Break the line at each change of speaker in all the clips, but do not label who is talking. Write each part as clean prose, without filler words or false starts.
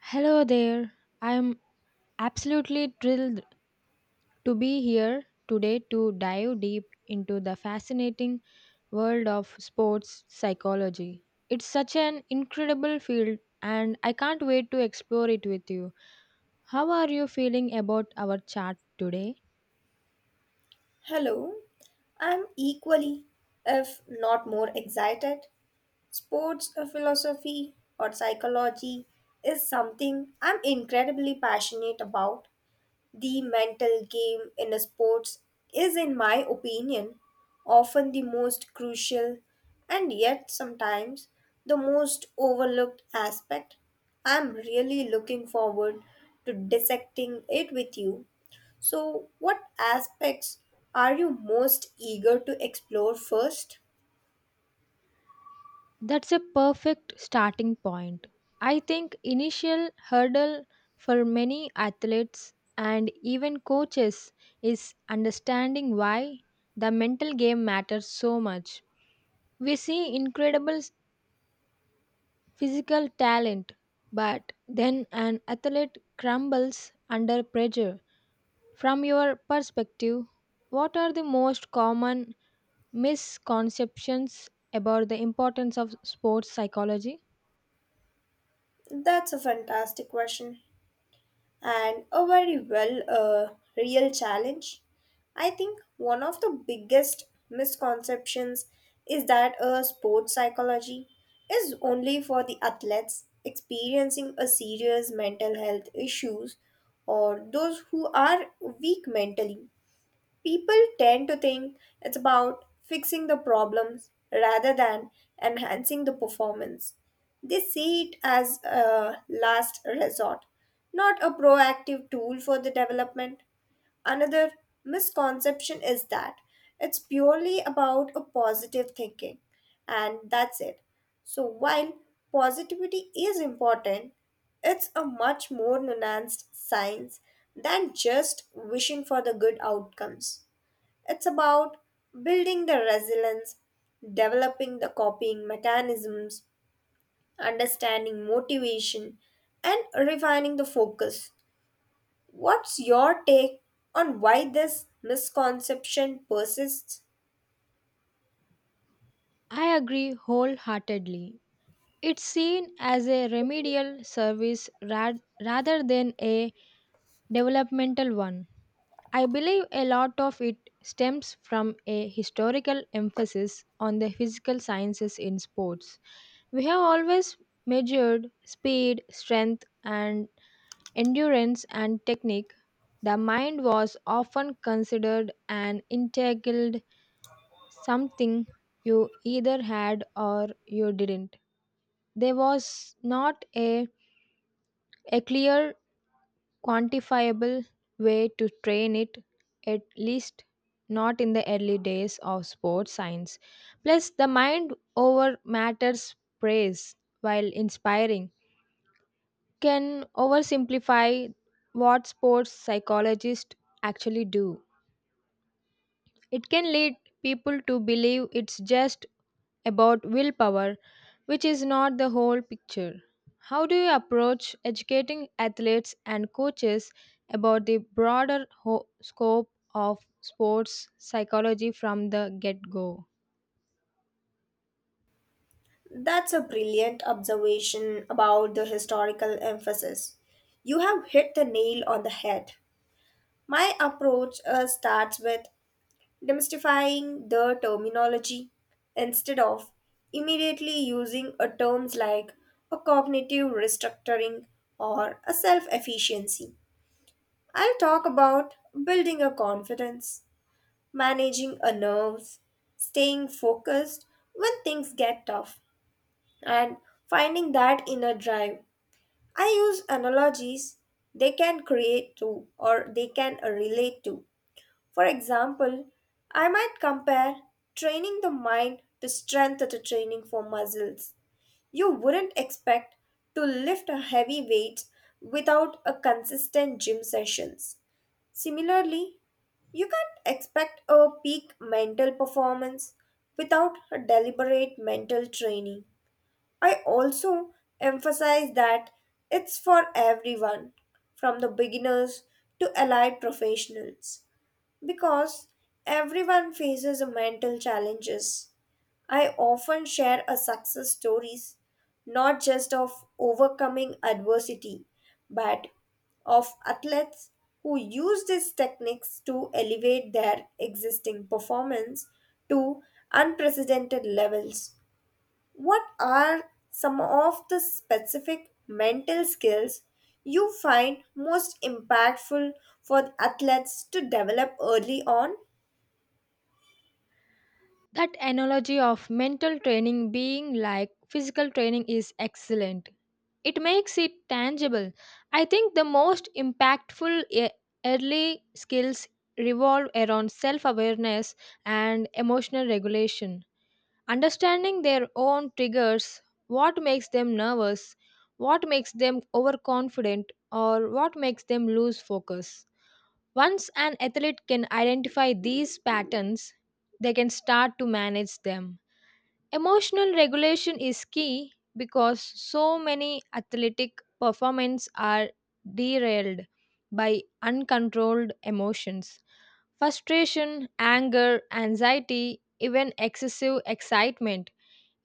Hello there. I'm absolutely thrilled to be here today to dive deep into the fascinating world of sports psychology. It's such an incredible field and I can't wait to explore it with you. How are you feeling about our chat today?
Hello, I'm equally, if not more excited. Sports philosophy or psychology is something I'm incredibly passionate about. The mental game in sports is, in my opinion, often the most crucial and yet sometimes the most overlooked aspect. I'm really looking forward to dissecting it with you. So, what aspects are you most eager to explore first?
That's a perfect starting point. I think initial hurdle for many athletes and even coaches is understanding why the mental game matters so much. We see incredible physical talent, but then an athlete crumbles under pressure. From your perspective, what are the most common misconceptions about the importance of sports psychology?
That's a fantastic question and a very well real challenge. I think one of the biggest misconceptions is that a sports psychology is only for the athletes experiencing a serious mental health issues or those who are weak mentally. People tend to think it's about fixing the problems rather than enhancing the performance. They see it as a last resort, not a proactive tool for the development. Another misconception is that it's purely about a positive thinking and that's it. So while positivity is important, it's a much more nuanced science than just wishing for the good outcomes. It's about building the resilience, developing the copying mechanisms, understanding motivation, and refining the focus. What's your take on why this misconception persists?
I agree wholeheartedly. It's seen as a remedial service rather than a developmental one. I believe a lot of it stems from a historical emphasis on the physical sciences in sports. We have always measured speed, strength, and endurance and technique. The mind was often considered an integral something you either had or you didn't. There was not a clear, quantifiable way to train it, at least not in the early days of sports science. Plus, the mind over matters praise, while inspiring, can oversimplify what sports psychologists actually do. It can lead people to believe it's just about willpower, which is not the whole picture. How do you approach educating athletes and coaches about the broader scope of sports psychology from the get go?
That's a brilliant observation about the historical emphasis. You have hit the nail on the head. My approach starts with demystifying the terminology instead of immediately using a terms like a cognitive restructuring or a self efficiency. I'll talk about building a confidence, managing a nerves, staying focused when things get tough, and finding that inner drive. I use analogies they can create to or they can relate to. For example, I might compare training the mind to strength to training for muscles. You wouldn't expect to lift a heavy weight without a consistent gym sessions. Similarly, you can't expect a peak mental performance without a deliberate mental training. I also emphasize that it's for everyone, from the beginners to allied professionals. Because everyone faces a mental challenges. I often share a success stories not just of overcoming adversity but of athletes who use these techniques to elevate their existing performance to unprecedented levels. What are some of the specific mental skills you find most impactful for athletes to develop early on?
That analogy of mental training being like physical training is excellent. It makes it tangible. I think the most impactful early skills revolve around self awareness and emotional regulation. Understanding their own triggers, what makes them nervous, what makes them overconfident, or what makes them lose focus. Once an athlete can identify these patterns, they can start to manage them. Emotional regulation is key because so many athletic performances are derailed by uncontrolled emotions. Frustration, anger, anxiety, even excessive excitement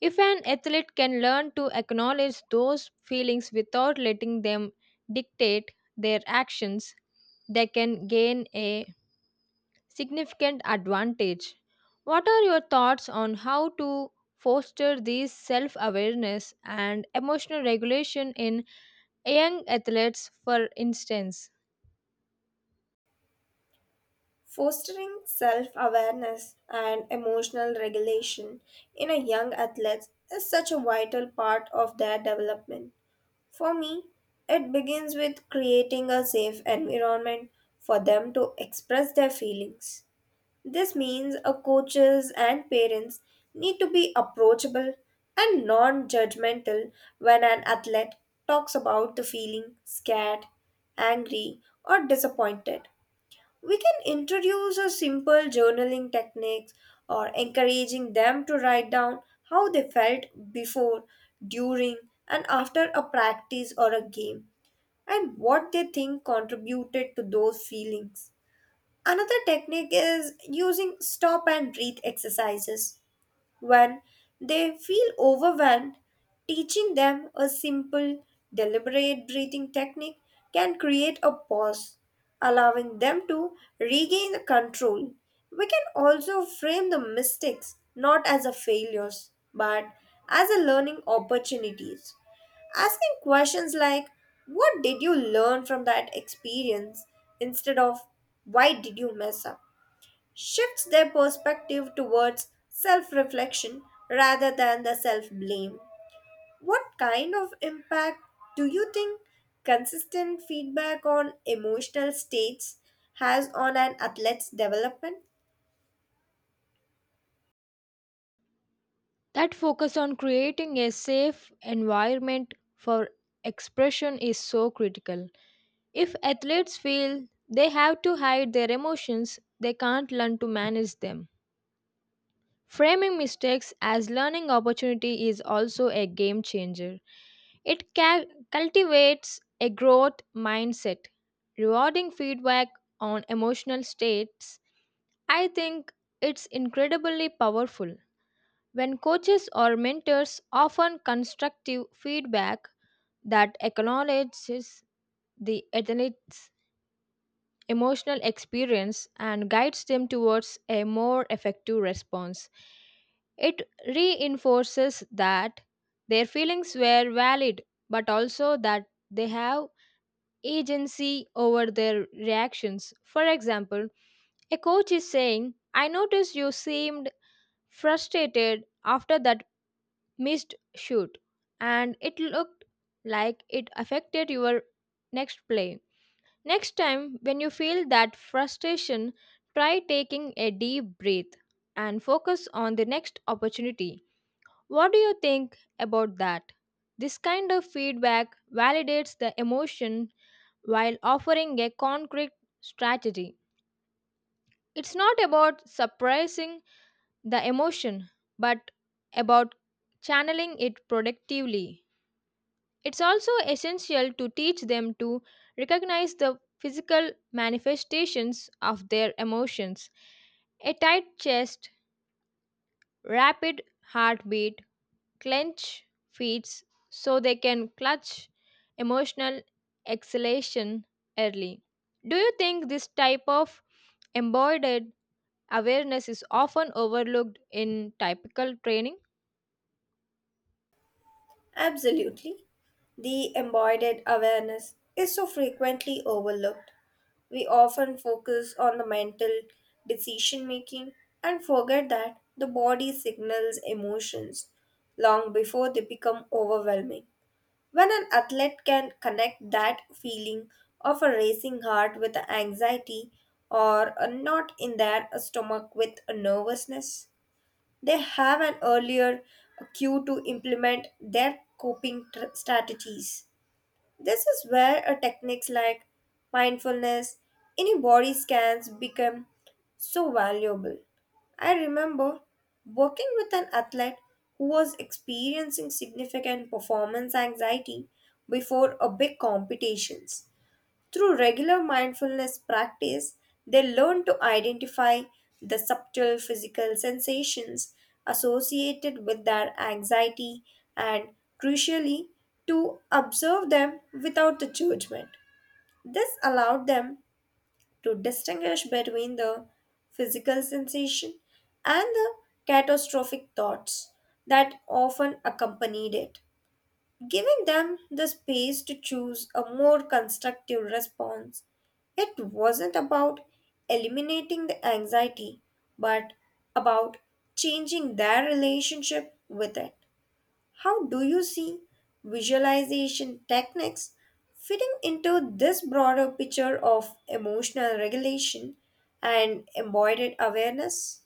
if an athlete can learn to acknowledge those feelings without letting them dictate their actions, they can gain a significant advantage. What are your thoughts on how to foster these self awareness and emotional regulation in young athletes, for instance,
Fostering self awareness and emotional regulation in a young athlete is such a vital part of their development. For me, it begins with creating a safe environment for them to express their feelings. This means a coaches and parents need to be approachable and non-judgmental when an athlete talks about the feeling scared, angry, or disappointed. We can introduce a simple journaling techniques or encouraging them to write down how they felt before, during, and after a practice or a game and what they think contributed to those feelings. Another technique is using stop and breathe exercises when they feel overwhelmed. Teaching them a simple, deliberate breathing technique can create a pause, allowing them to regain the control. We can also frame the mistakes not as a failures, but as a learning opportunities. Asking questions like, "What did you learn from that experience?" instead of, "Why did you mess up?" shifts their perspective towards self reflection rather than the self blame. What kind of impact do you think consistent feedback on emotional states has on an athlete's development?
that focus on creating a safe environment for expression is so critical? If athletes feel they have to hide their emotions, they can't learn to manage them. Framing mistakes as learning opportunity is also a game changer. It cultivates a growth mindset, rewarding feedback on emotional states. I think it's incredibly powerful. When coaches or mentors offer constructive feedback that acknowledges the athlete's emotional experience and guides them towards a more effective response. It reinforces that their feelings were valid, but also that they have agency over their reactions. For example, a coach is saying, I noticed you seemed frustrated after that missed shoot, and it looked like it affected your next play. Next time, when you feel that frustration, try taking a deep breath and focus on the next opportunity. What do you think about that? This kind of feedback validates the emotion while offering a concrete strategy. It's not about suppressing the emotion, but about channeling it productively. It's also essential to teach them to recognize the physical manifestations of their emotions. A tight chest, rapid heartbeat, clenched fists, so they can clutch emotional exhalation early. Do you think this type of embodied awareness is often overlooked in typical training?
Absolutely. The embodied awareness is so frequently overlooked. We often focus on the mental decision making and forget that the body signals emotions long before they become overwhelming. When an athlete can connect that feeling of a racing heart with anxiety or a knot in their stomach with a nervousness, they have an earlier cue to implement their coping strategies. This is where a techniques like mindfulness, any body scans become so valuable. I remember working with an athlete who was experiencing significant performance anxiety before a big competitions. Through regular mindfulness practice, they learn to identify the subtle physical sensations associated with their anxiety and, crucially, to observe them without the judgment. This allowed them to distinguish between the physical sensation and the catastrophic thoughts that often accompanied it. Giving them the space to choose a more constructive response, it wasn't about eliminating the anxiety, but about changing their relationship with it. How do you see visualization techniques fitting into this broader picture of emotional regulation and embodied awareness?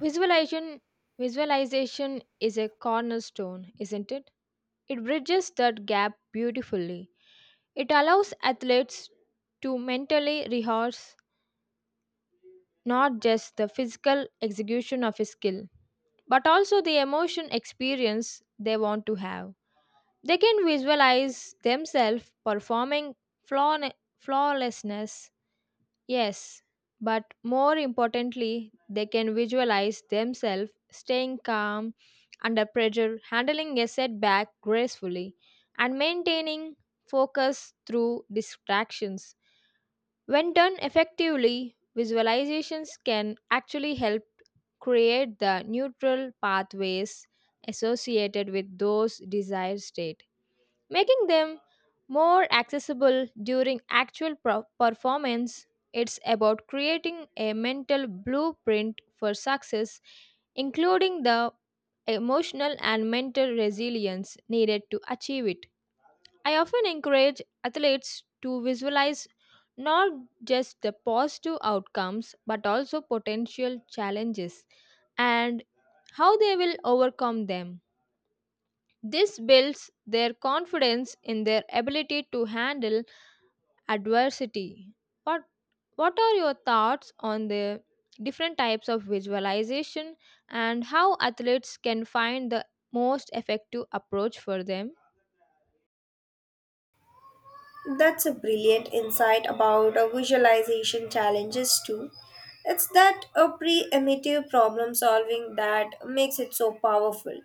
Visualization Visualization is a cornerstone, isn't it? It bridges that gap beautifully. It allows athletes to mentally rehearse not just the physical execution of a skill, but also the emotion experience they want to have. They can visualize themselves performing flawlessness. Yes, but more importantly, they can visualize themselves staying calm under pressure, handling a setback gracefully, and maintaining focus through distractions. When done effectively, visualizations can actually help create the neutral pathways associated with those desired states making them more accessible during actual performance. It's about creating a mental blueprint for success, including the emotional and mental resilience needed to achieve it. I often encourage athletes to visualize not just the positive outcomes but also potential challenges and how they will overcome them. This builds their confidence in their ability to handle adversity. What what are your thoughts on the different types of visualization and how athletes can find the most effective approach for them?
That's a brilliant insight about visualization challenges too. It's that a pre-emitive problem solving that makes it so powerful.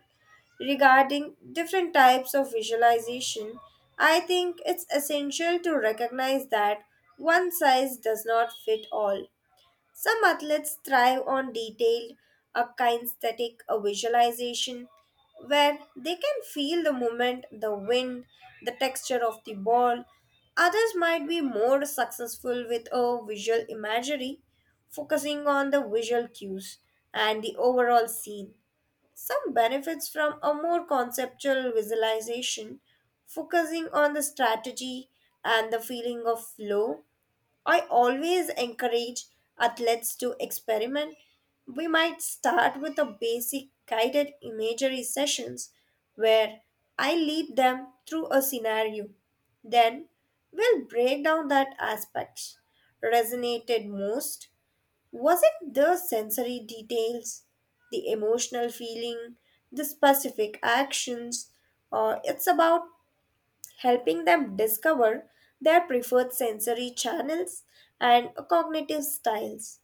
Regarding different types of visualization, I think it's essential to recognize that one size does not fit all. Some athletes thrive on detailed, a kinesthetic a visualization where they can feel the movement, the wind, the texture of the ball. Others might be more successful with a visual imagery, focusing on the visual cues and the overall scene. Some benefits from a more conceptual visualization, focusing on the strategy and the feeling of flow. I always encourage athletes to experiment. We might start with a basic guided imagery sessions where I lead them through a scenario. Then we'll break down that aspects resonated most. Was it the sensory details, the emotional feeling, the specific actions, or it's about helping them discover their preferred sensory channels and cognitive styles.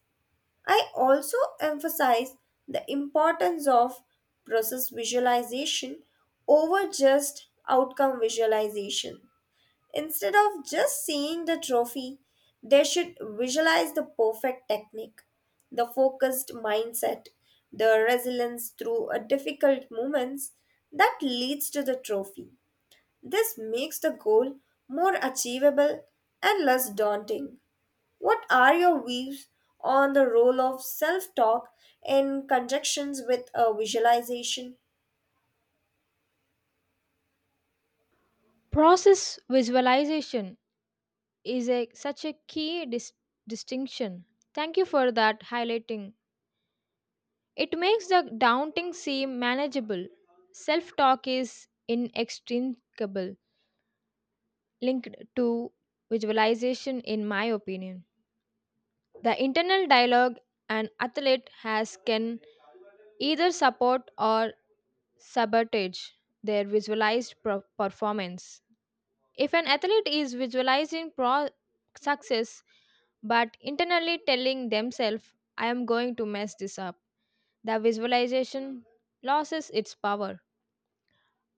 I also emphasize the importance of process visualization over just outcome visualization. Instead of just seeing the trophy, they should visualize the perfect technique, the focused mindset, the resilience through a difficult moments that leads to the trophy. This makes the goal more achievable and less daunting. What are your views on the role of self talk in conjunctions with a visualization?
Process visualization such a key distinction. Thank you for that highlighting. It makes the daunting seem manageable. Self talk is inextricable. Linked to visualization, in my opinion. The internal dialogue an athlete has can either support or sabotage their visualized performance. If an athlete is visualizing success but internally telling themselves, I am going to mess this up, the visualization loses its power.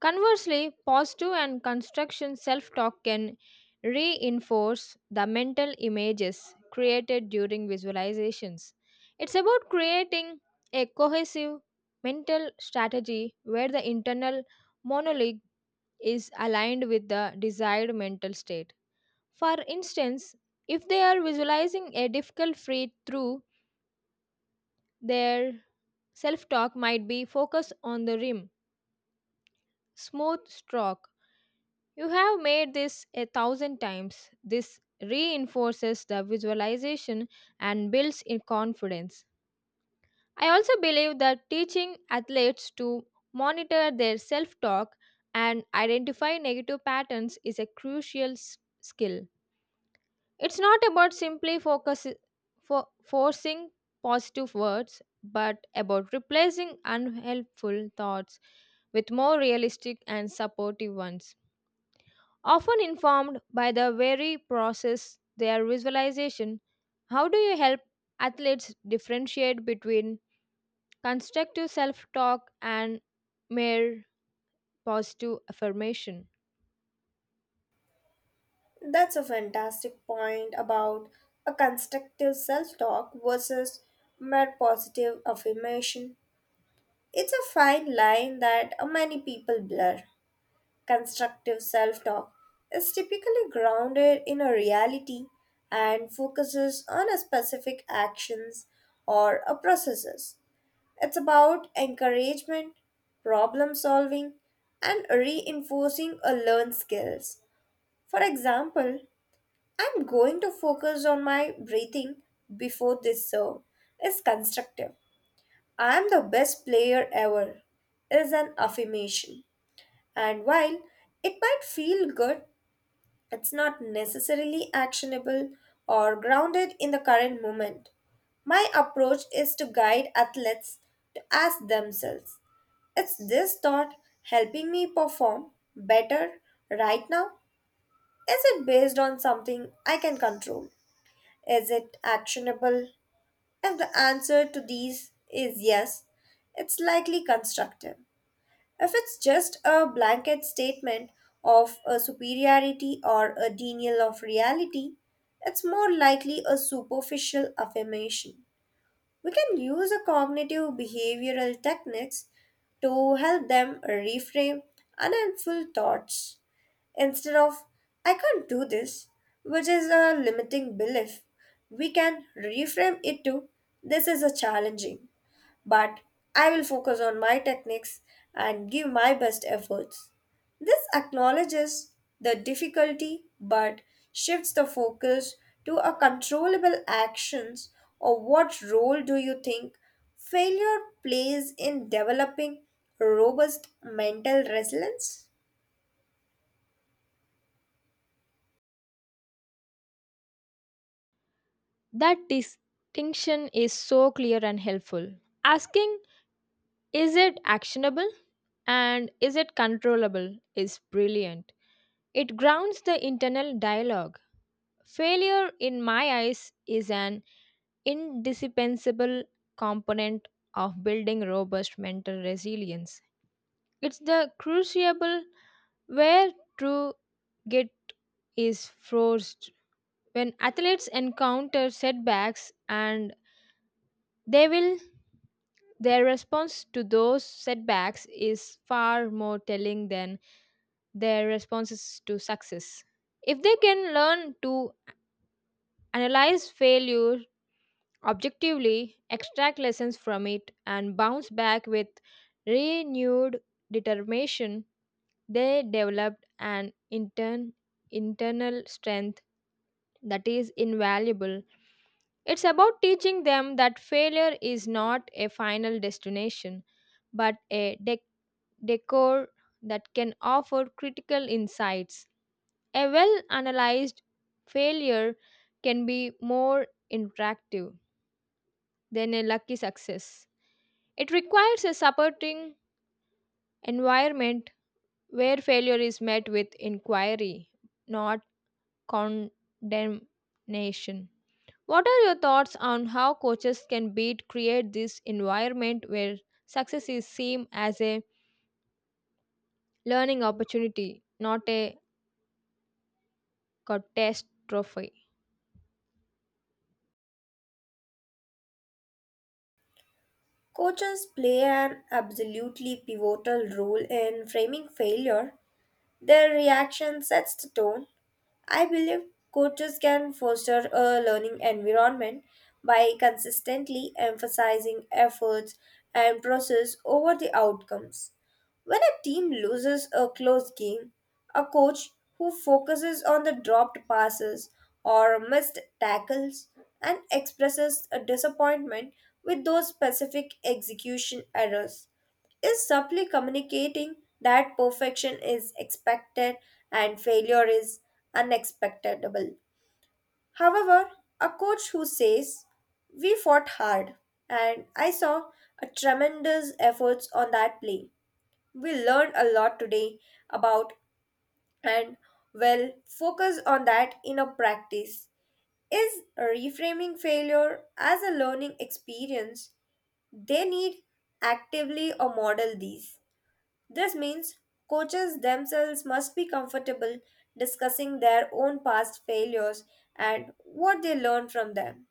Conversely, positive and construction self talk can reinforce the mental images created during visualizations. It's about creating a cohesive mental strategy where the internal monologue is aligned with the desired mental state. For instance, if they are visualizing a difficult free through, their self talk might be focused on the rim, smooth stroke. You have made this a thousand times. This reinforces the visualization and builds in confidence. I also believe that teaching athletes to monitor their self talk and identify negative patterns is a crucial skill. It's not about simply forcing positive words, but about replacing unhelpful thoughts with more realistic and supportive ones often informed by the very process their visualization. How do you help athletes differentiate between constructive self-talk and mere positive affirmation?
That's a fantastic point about a constructive self talk versus mere positive affirmation. It's a fine line that many people blur. Constructive self talk is typically grounded in a reality and focuses on a specific actions or a processes. It's about encouragement, problem solving, and reinforcing a learned skills. For example, "I'm going to focus on my breathing before this serve" is constructive. "I am the best player ever" is an affirmation. And while it might feel good, it's not necessarily actionable or grounded in the current moment. My approach is to guide athletes to ask themselves, is this thought helping me perform better right now? Is it based on something I can control? Is it actionable? If the answer to these is yes, it's likely constructive. If it's just a blanket statement of a superiority or a denial of reality, it's more likely a superficial affirmation. We can use a cognitive behavioral techniques to help them reframe unhelpful thoughts. Instead of "I can't do this," which is a limiting belief, we can reframe it to "this is a challenging but I will focus on my techniques and give my best efforts." This acknowledges the difficulty but shifts the focus to a controllable actions. Or what role do you think failure plays in developing robust mental resilience?
That distinction is so clear and helpful. Asking is it actionable and is it controllable is brilliant. It grounds the internal dialogue. Failure in my eyes is an indispensable component of building robust mental resilience. It's the crucible where true grit is forced. When athletes encounter setbacks and they will their response to those setbacks is far more telling than their responses to success. If they can learn to analyze failure objectively, extract lessons from it, and bounce back with renewed determination, they developed an internal strength that is invaluable. It's about teaching them that failure is not a final destination, but a decor that can offer critical insights. A well analyzed failure can be more interactive than a lucky success. It requires a supporting environment where failure is met with inquiry, not condemnation. What are your thoughts on how coaches can beat create this environment where success is seen as a learning opportunity, not a catastrophe?
Coaches play an absolutely pivotal role in framing failure. Their reaction sets the tone. I believe coaches can foster a learning environment by consistently emphasizing efforts and process over the outcomes. When a team loses a close game, a coach who focuses on the dropped passes or missed tackles and expresses a disappointment with those specific execution errors is subtly communicating that perfection is expected and failure is unexpectable. However, a coach who says, "We fought hard, and I saw a tremendous efforts on that play. We learned a lot today about and will focus on that in a practice," is reframing failure as a learning experience. They need actively or model these. This means coaches themselves must be comfortable discussing their own past failures and what they learned from them.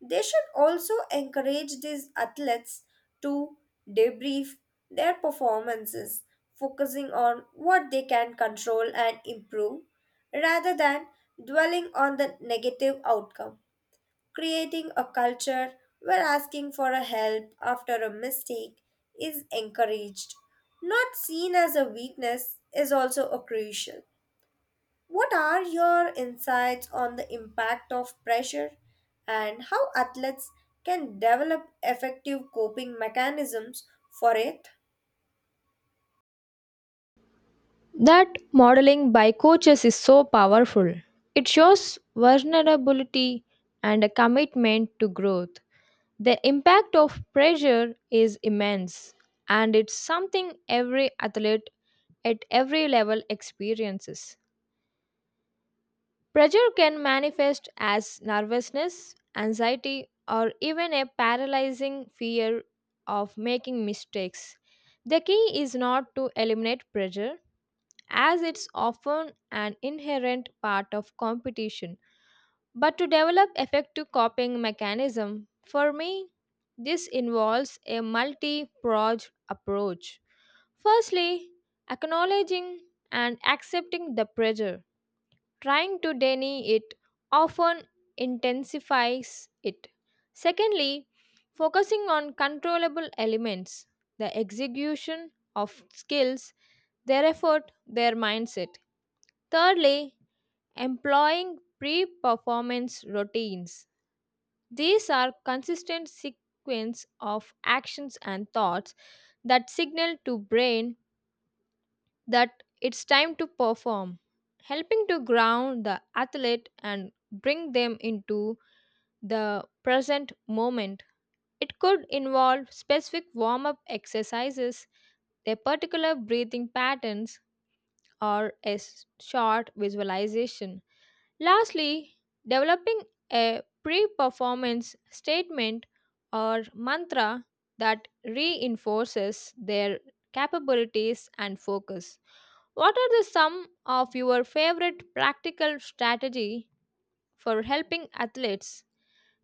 They should also encourage these athletes to debrief their performances, focusing on what they can control and improve rather than dwelling on the negative outcome. Creating a culture where asking for a help after a mistake is encouraged, not seen as a weakness, is also a crucial. What are your insights on the impact of pressure and how athletes can develop effective coping mechanisms for it?
That modeling by coaches is so powerful. It shows vulnerability and a commitment to growth. The impact of pressure is immense, and it's something every athlete at every level experiences. Pressure can manifest as nervousness, anxiety, or even a paralyzing fear of making mistakes. The key is not to eliminate pressure, as it's often an inherent part of competition but to develop effective coping mechanism for me this involves a multi-pronged approach firstly acknowledging and accepting the pressure trying to deny it often intensifies it secondly focusing on controllable elements the execution of skills their effort their mindset thirdly employing pre-performance routines these are consistent sequence of actions and thoughts that signal to brain that it's time to perform, helping to ground the athlete and bring them into the present moment. It could involve specific warm-up exercises, a particular breathing patterns, or a short visualization. Lastly, developing a pre performance statement or mantra that reinforces their capabilities and focus. What are the some of your favorite practical strategy for helping athletes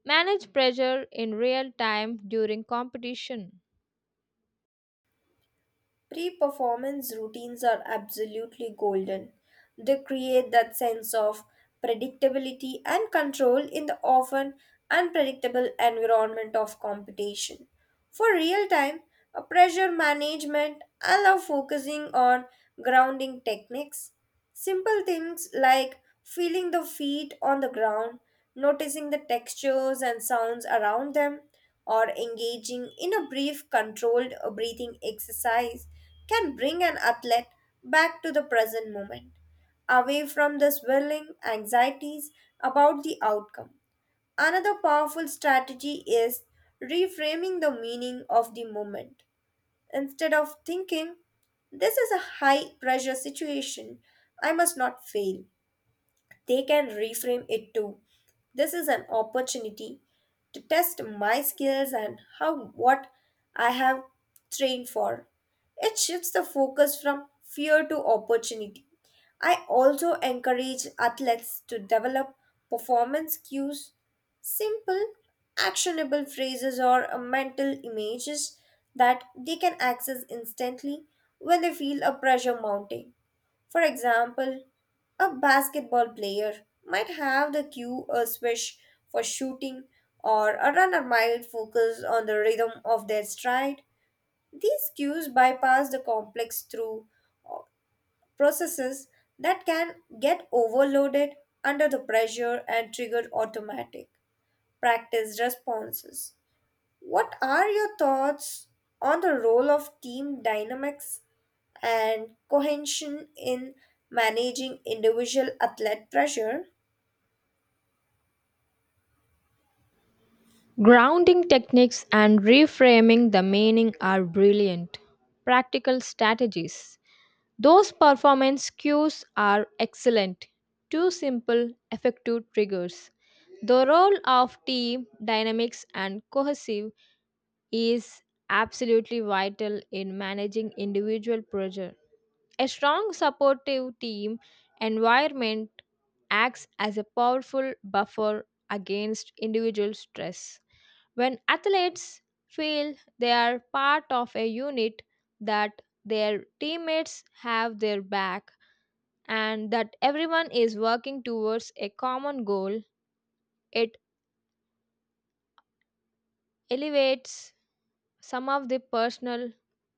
manage pressure in real time during competition?
Pre performance routines are absolutely golden. They create that sense of predictability and control in the often unpredictable environment of competition. For real time, a pressure management allow focusing on grounding techniques. Simple things like feeling the feet on the ground, noticing the textures and sounds around them, or engaging in a brief controlled breathing exercise can bring an athlete back to the present moment, away from the swirling anxieties about the outcome. Another powerful strategy is reframing the meaning of the moment. Instead of thinking, "This is a high pressure situation, I must not fail," they can reframe it to "this is an opportunity to test my skills and how what I have trained for." It shifts the focus from fear to opportunity. I also encourage athletes to develop performance cues, simple, actionable phrases, or mental images that they can access instantly when they feel a pressure mounting. For example, a basketball player might have the cue a swish for shooting, or a runner might focus on the rhythm of their stride. These cues bypass the complex through uh, processes that can get overloaded under the pressure and trigger automatic practice responses. What are your thoughts on the role of team dynamics and cohesion in managing individual athlete pressure?
Grounding techniques and reframing the meaning are brilliant practical strategies. Those performance cues are excellent. Two simple, effective triggers. The role of team dynamics and cohesive is absolutely vital in managing individual pressure. A strong supportive team environment acts as a powerful buffer against individual stress. When athletes feel they are part of a unit that their teammates have their back, and that everyone is working towards a common goal, it alleviates some of the personal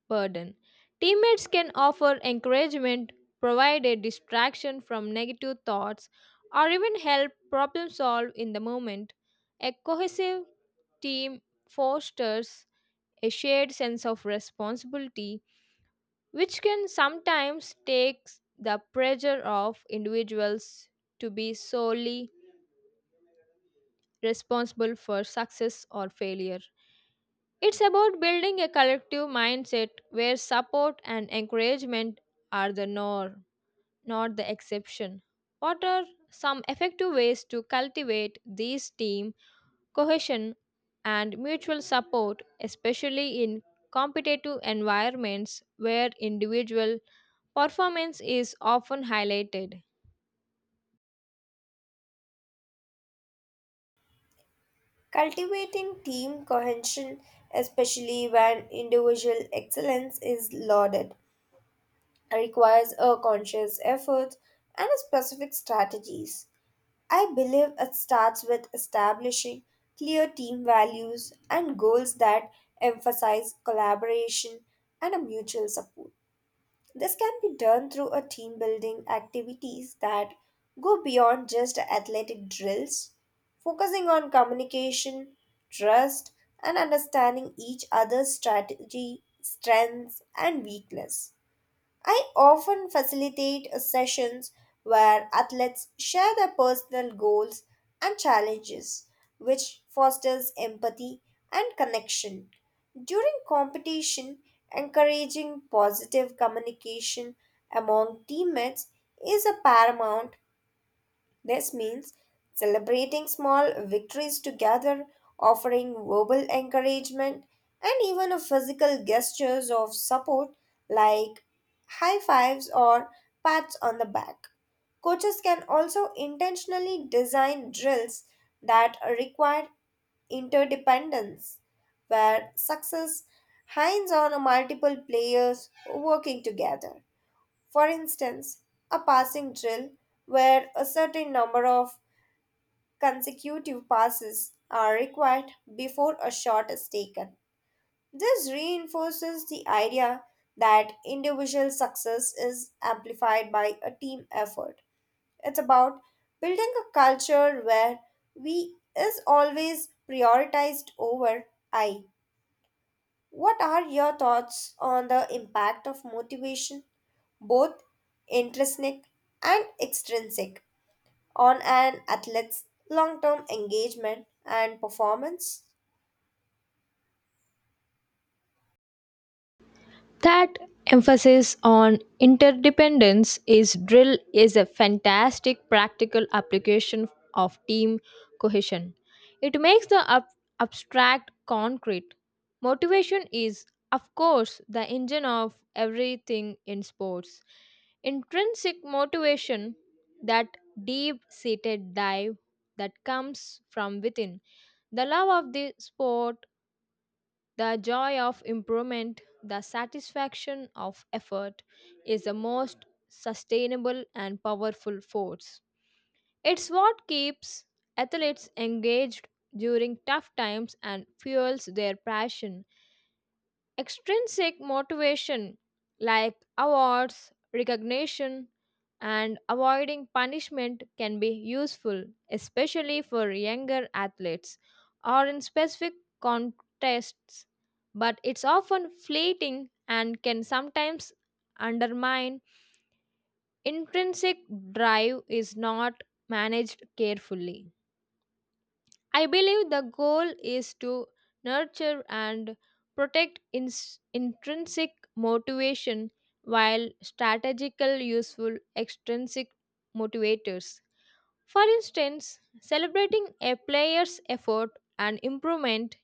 burden. Teammates can offer encouragement, provide a distraction from negative thoughts, or even help problem solve in the moment. A cohesive team fosters a shared sense of responsibility, which can sometimes take the pressure off individuals to be solely responsible for success or failure. It's about building a collective mindset where support and encouragement are the norm, not the exception. What are some effective ways to cultivate these team cohesion and mutual support, especially in competitive environments where individual performance is often highlighted?
Cultivating team cohesion, especially when individual excellence is lauded, requires a conscious effort and specific strategies. I believe it starts with establishing clear team values and goals that emphasize collaboration and a mutual support. This can be done through a team building activities that go beyond just athletic drills, focusing on communication, trust, and understanding each other's strategy, strengths, and weakness. I often facilitate sessions where athletes share their personal goals and challenges, which fosters empathy and connection. During competition, encouraging positive communication among teammates is a paramount this means celebrating small victories together, offering verbal encouragement, and even a physical gestures of support like high fives or pats on the back. Coaches can also intentionally design drills that require interdependence, where success hinges on multiple players working together. For instance, a passing drill where a certain number of consecutive passes are required before a shot is taken. This reinforces the idea that individual success is amplified by a team effort. It's about building a culture where we is always prioritized over I. What are your thoughts on the impact of motivation, both intrinsic and extrinsic, on an athlete's long term engagement and performance?
That emphasis on interdependence is drill is a fantastic practical application of team cohesion. It makes the abstract concrete. Motivation is, of course, the engine of everything in sports. Intrinsic motivation, that deep seated dive that comes from within, the love of the sport the joy of improvement, the satisfaction of effort, is the most sustainable and powerful force. It's what keeps athletes engaged during tough times and fuels their passion. Extrinsic motivation like awards, recognition, and avoiding punishment can be useful, especially for younger athletes or in specific contests, but it's often fleeting and can sometimes undermine intrinsic drive is not managed carefully. I believe the goal is to nurture and protect intrinsic motivation while strategical useful extrinsic motivators. For instance, celebrating a player's effort and improvement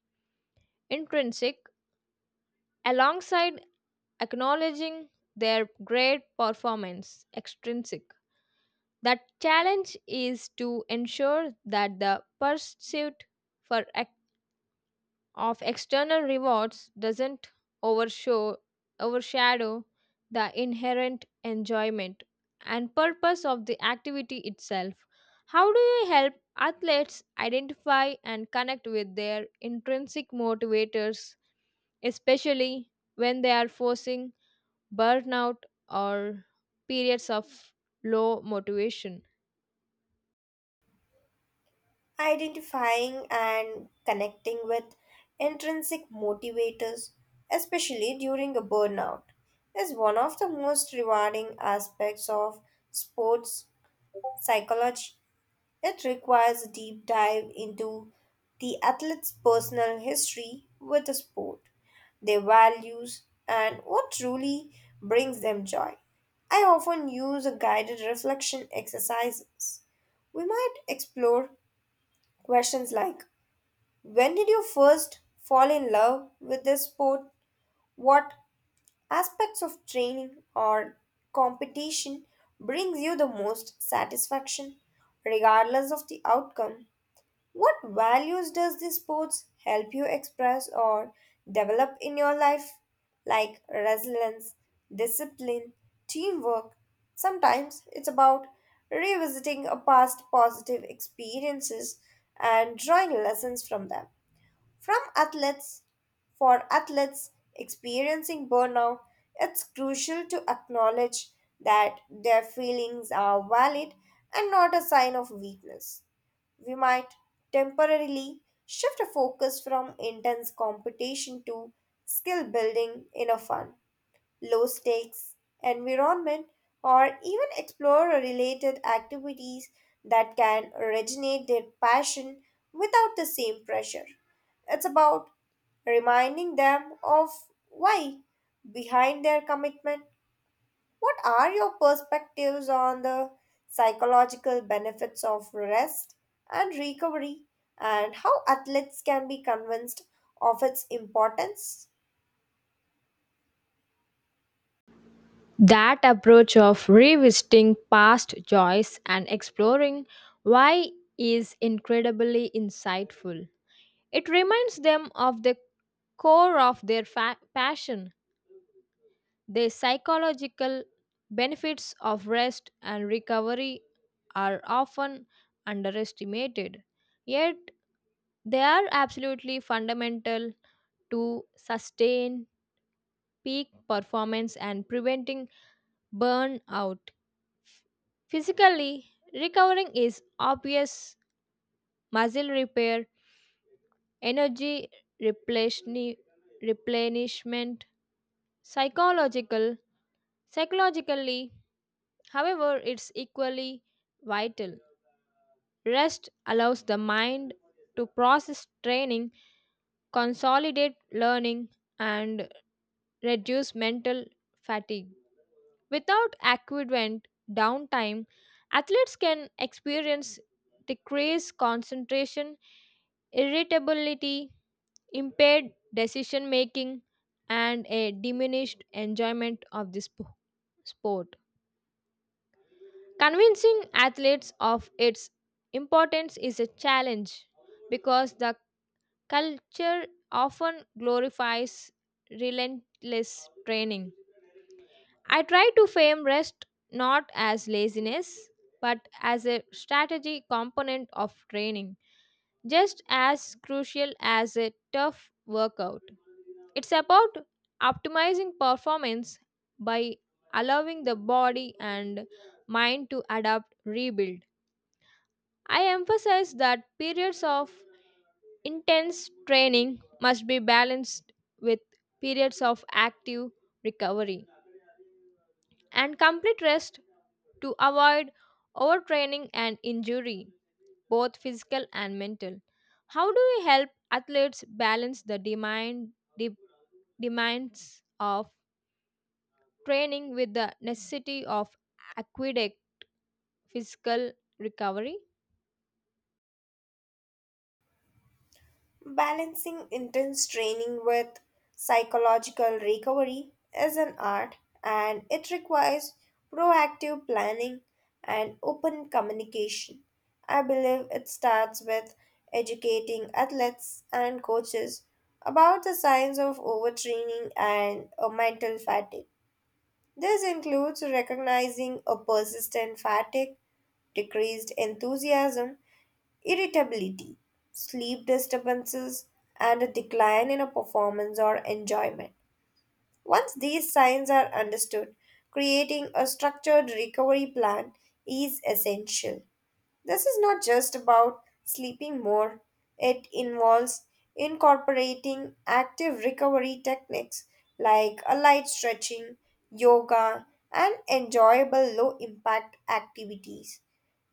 intrinsic alongside acknowledging their great performance extrinsic. That challenge is to ensure that the pursuit for of external rewards doesn't overshow, overshadow the inherent enjoyment and purpose of the activity itself. How do you help athletes identify and connect with their intrinsic motivators, especially when they are facing burnout or periods of low motivation?
Identifying and connecting with intrinsic motivators, especially during a burnout, is one of the most rewarding aspects of sports psychology. It requires a deep dive into the athlete's personal history with the sport, their values, and what truly brings them joy. I often use a guided reflection exercises. We might explore questions like, when did you first fall in love with this sport? What aspects of training or competition brings you the most satisfaction, regardless of the outcome? What values does this sports help you express or develop in your life? Like resilience, discipline, teamwork. Sometimes it's about revisiting a past positive experiences and drawing lessons from them. From athletes, for athletes experiencing burnout, it's crucial to acknowledge that their feelings are valid and not a sign of weakness. We might temporarily shift our focus from intense competition to skill building in a fun, low stakes environment, or even explore related activities that can originate their passion without the same pressure. It's about reminding them of why behind their commitment. What are your perspectives on the psychological benefits of rest and recovery, and how athletes can be convinced of its importance?
That approach of revisiting past joys and exploring why is incredibly insightful. It reminds them of the core of their passion, the psychological benefits of rest and recovery are often underestimated, yet they are absolutely fundamental to sustain peak performance and preventing burnout. Physically, recovering is obvious muscle repair, energy replenish- replenishment, psychological, psychologically. However, it's equally vital. Rest allows the mind to process training, consolidate learning, and reduce mental fatigue. Without adequate downtime, athletes can experience decreased concentration, irritability, impaired decision making, and a diminished enjoyment of the sport. Convincing athletes of its importance is a challenge because the culture often glorifies relentless training. I try to frame rest not as laziness but as a strategy component of training, just as crucial as a tough workout. It's about optimizing performance by allowing the body and mind to adapt, rebuild. I emphasize that periods of intense training must be balanced with periods of active recovery and complete rest to avoid overtraining and injury, both physical and mental. How do we help athletes balance the de- demands of training with the necessity of aqueduct physical recovery?
Balancing intense training with psychological recovery is an art, and it requires proactive planning and open communication. I believe it starts with educating athletes and coaches about the signs of overtraining and mental fatigue. This includes recognizing a persistent fatigue, decreased enthusiasm, irritability, sleep disturbances, and a decline in a performance or enjoyment. Once these signs are understood, creating a structured recovery plan is essential. This is not just about sleeping more, it involves incorporating active recovery techniques like a light stretching, yoga, and enjoyable low impact activities.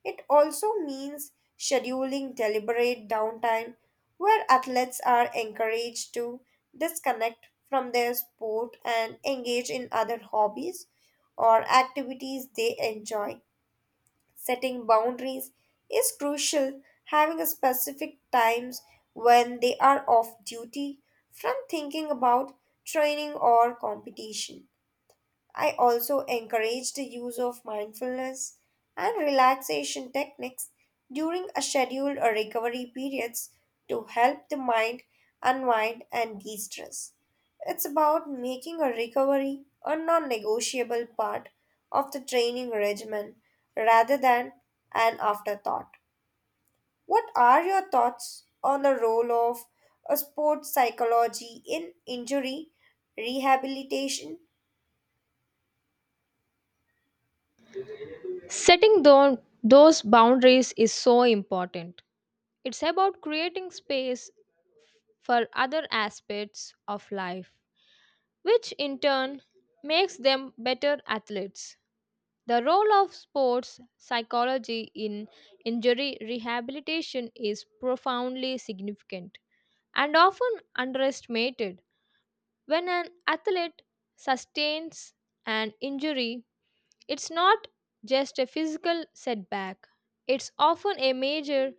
It also means scheduling deliberate downtime where athletes are encouraged to disconnect from their sport and engage in other hobbies or activities they enjoy. Setting boundaries is crucial, having a specific times when they are off duty from thinking about training or competition. I also encourage the use of mindfulness and relaxation techniques during a scheduled or recovery periods to help the mind unwind and de-stress. It's about making a recovery a non-negotiable part of the training regimen rather than an afterthought. What are your thoughts on the role of a sports psychology in injury rehabilitation?
Setting those boundaries is so important. It's about creating space for other aspects of life, which in turn makes them better athletes. The role of sports psychology in injury rehabilitation is profoundly significant and often underestimated. When an athlete sustains an injury, it's not just a physical setback, it's often a major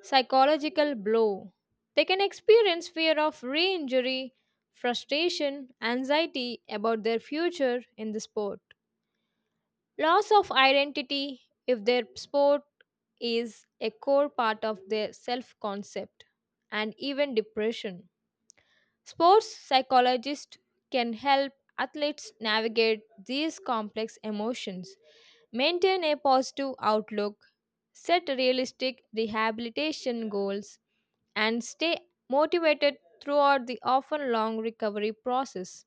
psychological blow. They can experience fear of re injury, frustration, anxiety about their future in the sport, loss of identity if their sport is a core part of their self concept, and even depression. Sports psychologists can help athletes navigate these complex emotions, maintain a positive outlook, set realistic rehabilitation goals, and stay motivated throughout the often long recovery process.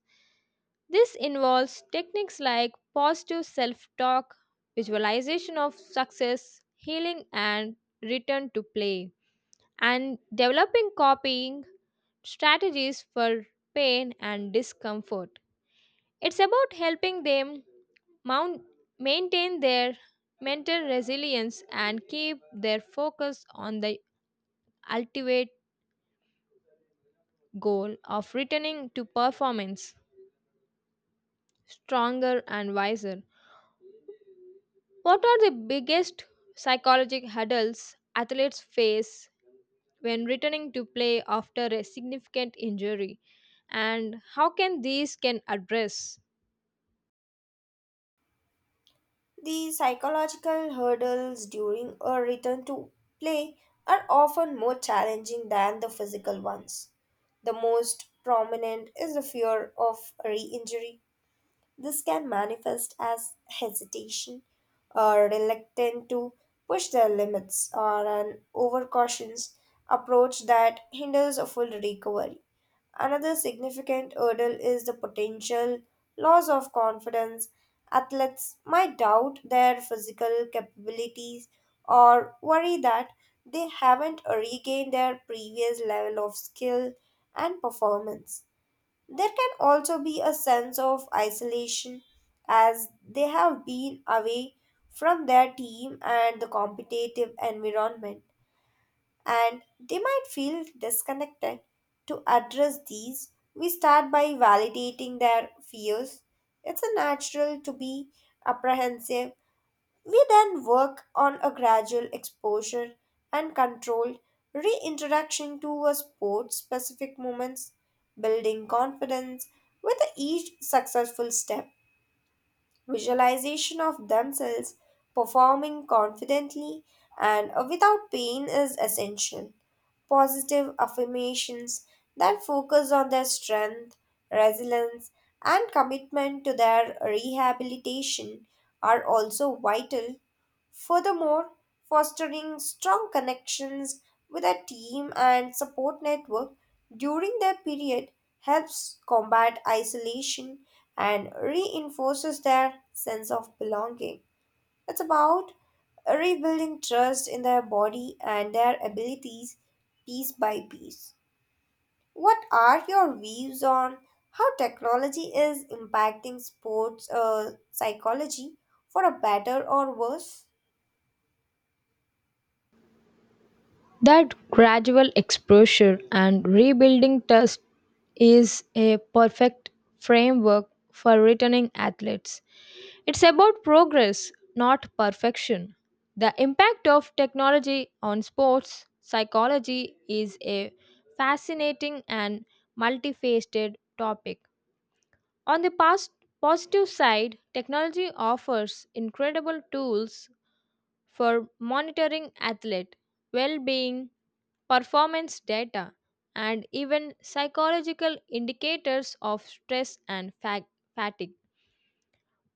This involves techniques like positive self talk, visualization of success, healing, and return to play and developing coping strategies for pain and discomfort. It's about helping them mount, maintain their mental resilience and keep their focus on the ultimate goal of returning to performance stronger and wiser. What are the biggest psychological hurdles athletes face when returning to play after a significant injury and how can these can address?
The psychological hurdles during a return to play are often more challenging than the physical ones. The most prominent is the fear of re injury. This can manifest as hesitation or reluctance to push their limits, or an overcautious approach that hinders a full recovery. Another significant hurdle is the potential loss of confidence. Athletes might doubt their physical capabilities or worry that they haven't regained their previous level of skill and performance. There can also be a sense of isolation as they have been away from their team and the competitive environment, and they might feel disconnected. To address these, we start by validating their fears. It's a natural to be apprehensive. We then work on a gradual exposure and controlled reintroduction to a sport specific moments, building confidence with each successful step. Visualization of themselves performing confidently and without pain is essential. Positive affirmations that focus on their strength, resilience, and commitment to their rehabilitation are also vital. Furthermore, fostering strong connections with a team and support network during their period helps combat isolation and reinforces their sense of belonging. It's about rebuilding trust in their body and their abilities piece by piece. What are your views on how technology is impacting sports psychology for a better or worse?
That gradual exposure and rebuilding trust is a perfect framework for returning athletes. It's about progress, not perfection. The impact of technology on sports psychology is a fascinating and multifaceted topic. On the past positive side, technology offers incredible tools for monitoring athlete well being, performance data, and even psychological indicators of stress and fatigue.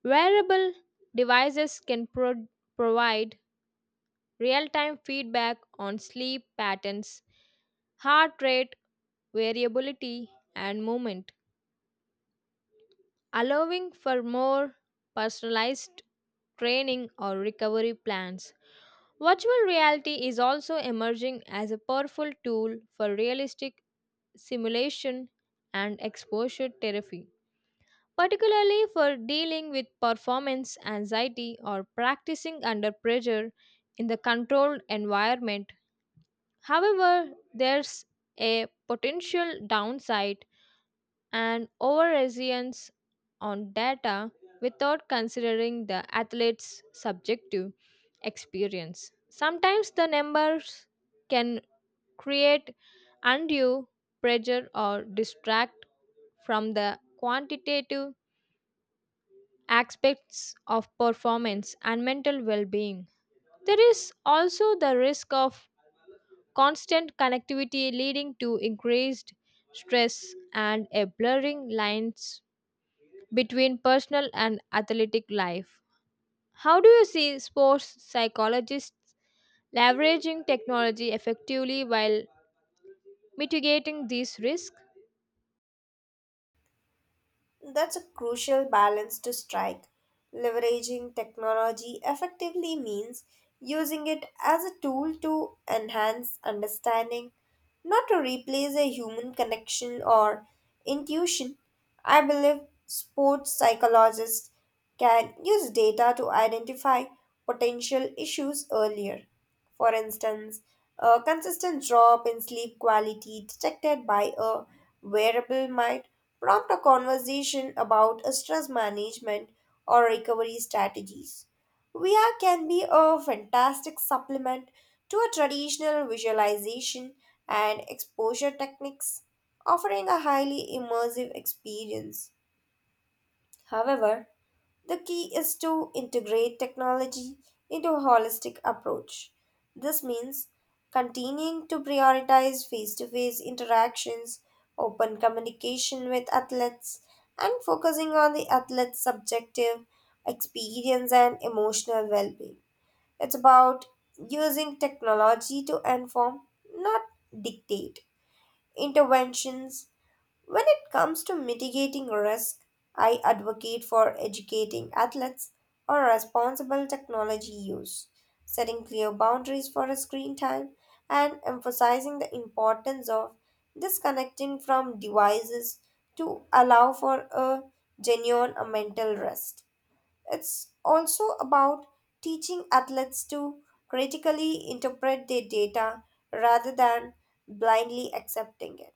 Wearable devices can provide real time feedback on sleep patterns, heart rate, variability, and movement, allowing for more personalized training or recovery plans. Virtual reality is also emerging as a powerful tool for realistic simulation and exposure therapy, particularly for dealing with performance anxiety or practicing under pressure in the controlled environment. However, there's a potential downside and over reliance on data without considering the athlete's subjective experience. Sometimes the numbers can create undue pressure or distract from the quantitative aspects of performance and mental well being. There is also the risk of constant connectivity leading to increased stress and a blurring lines between personal and athletic life. How do you see sports psychologists leveraging technology effectively while mitigating these risks?
That's a crucial balance to strike. Leveraging technology effectively means using it as a tool to enhance understanding, not to replace a human connection or intuition. I believe sports psychologists can use data to identify potential issues earlier. For instance, a consistent drop in sleep quality detected by a wearable might prompt a conversation about a stress management or recovery strategies. VR can be a fantastic supplement to a traditional visualization and exposure techniques, offering a highly immersive experience. However, the key is to integrate technology into a holistic approach. This means continuing to prioritize face to face interactions, open communication with athletes, and focusing on the athlete's subjective experience and emotional well being. It's about using technology to inform, not dictate, interventions. When it comes to mitigating risk, I advocate for educating athletes on responsible technology use, setting clear boundaries for a screen time, and emphasizing the importance of disconnecting from devices to allow for a genuine mental rest. It's also about teaching athletes to critically interpret their data rather than blindly accepting it.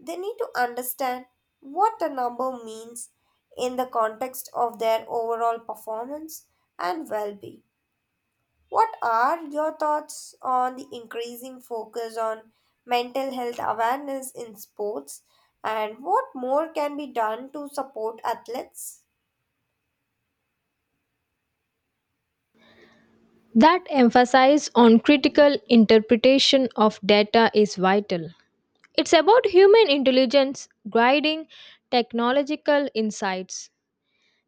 They need to understand what the number means in the context of their overall performance and well being. What are your thoughts on the increasing focus on mental health awareness in sports and what more can be done to support athletes?
That emphasis on critical interpretation of data is vital. It's about human intelligence guiding technological insights.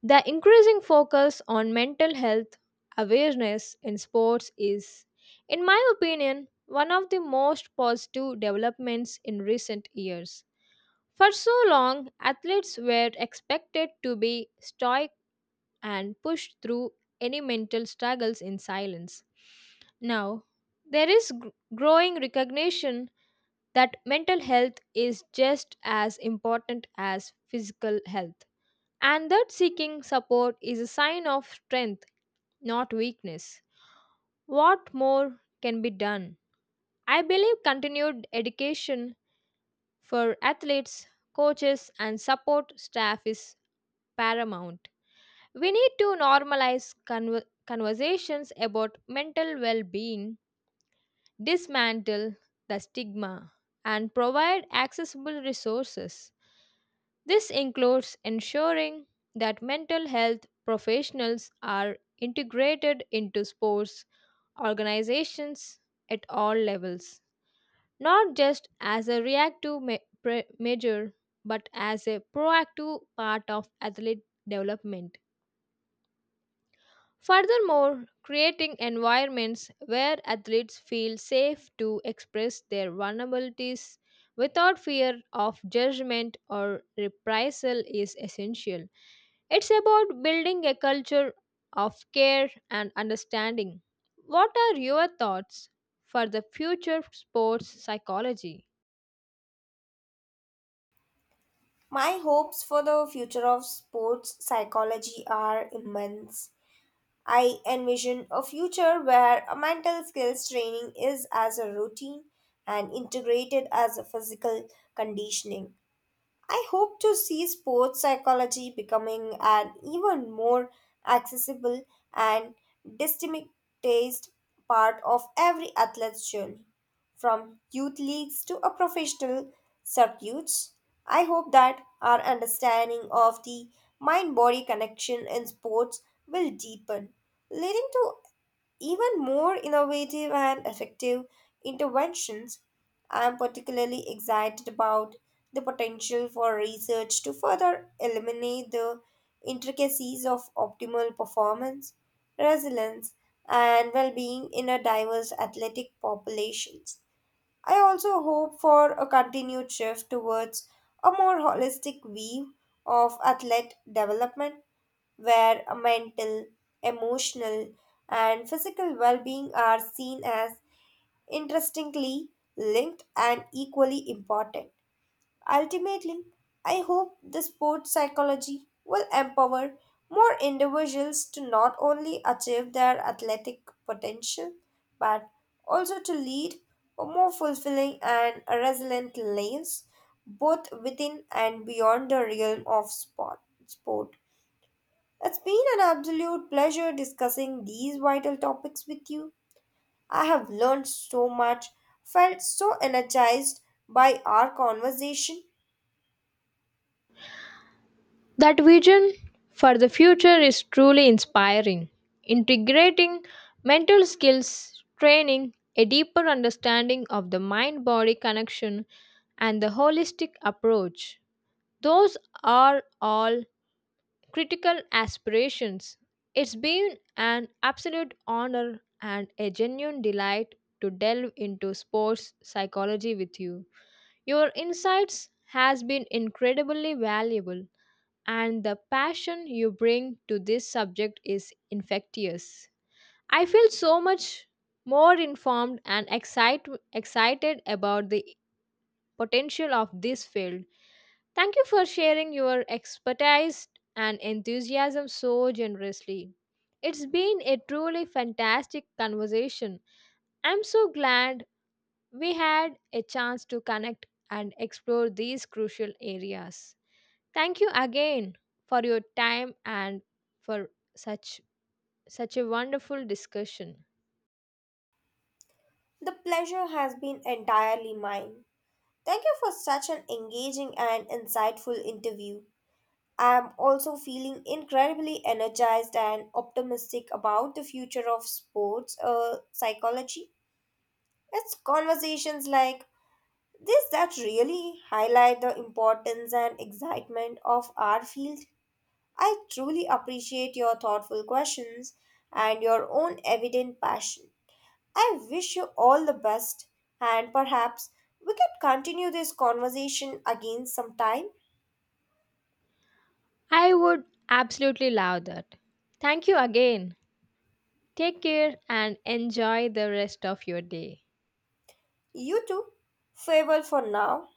The increasing focus on mental health awareness in sports is, in my opinion, one of the most positive developments in recent years. For so long, athletes were expected to be stoic and push through any mental struggles in silence. Now, there is growing recognition that mental health is just as important as physical health, and that seeking support is a sign of strength, not weakness. What more can be done? I believe continued education for athletes, coaches, and support staff is paramount. We need to normalize conversations about mental well being, dismantle the stigma, and provide accessible resources. This includes ensuring that mental health professionals are integrated into sports organizations at all levels, not just as a reactive measure, but as a proactive part of athlete development. Furthermore, creating environments where athletes feel safe to express their vulnerabilities without fear of judgment or reprisal is essential. It's about building a culture of care and understanding. What are your thoughts for the future of sports psychology?
My hopes for the future of sports psychology are immense. I envision a future where a mental skills training is as a routine and integrated as a physical conditioning. I hope to see sports psychology becoming an even more accessible and destigmatized part of every athlete's journey, from youth leagues to a professional circuits. I hope that our understanding of the mind body connection in sports will deepen, leading to even more innovative and effective interventions. I am particularly excited about the potential for research to further eliminate the intricacies of optimal performance, resilience, and well being in a diverse athletic populations. I also hope for a continued shift towards a more holistic view of athlete development where a mental, emotional, and physical well being are seen as interestingly linked and equally important. Ultimately, I hope the sports psychology will empower more individuals to not only achieve their athletic potential, but also to lead a more fulfilling and resilient lives both within and beyond the realm of sport. Sport. It's been an absolute pleasure discussing these vital topics with you. I have learned so much, felt so energized by our conversation.
That vision for the future is truly inspiring. Integrating mental skills training, a deeper understanding of the mind body connection, and the holistic approach. Those are all critical aspirations. It's been an absolute honor and a genuine delight to delve into sports psychology with you. Your insights has been incredibly valuable and the passion you bring to this subject is infectious. I feel so much more informed and excited about the potential of this field. Thank you for sharing your expertise and enthusiasm so generously. It's been a truly fantastic conversation. I'm so glad we had a chance to connect and explore these crucial areas. Thank you again for your time and for such such a wonderful discussion.
The pleasure has been entirely mine. Thank you for such an engaging and insightful interview. I am also feeling incredibly energized and optimistic about the future of sports psychology. It's conversations like this that really highlight the importance and excitement of our field. I truly appreciate your thoughtful questions and your own evident passion. I wish you all the best, and perhaps we could continue this conversation again sometime.
I would absolutely love that. Thank you again. Take care and enjoy the rest of your day.
You too. Farewell for now.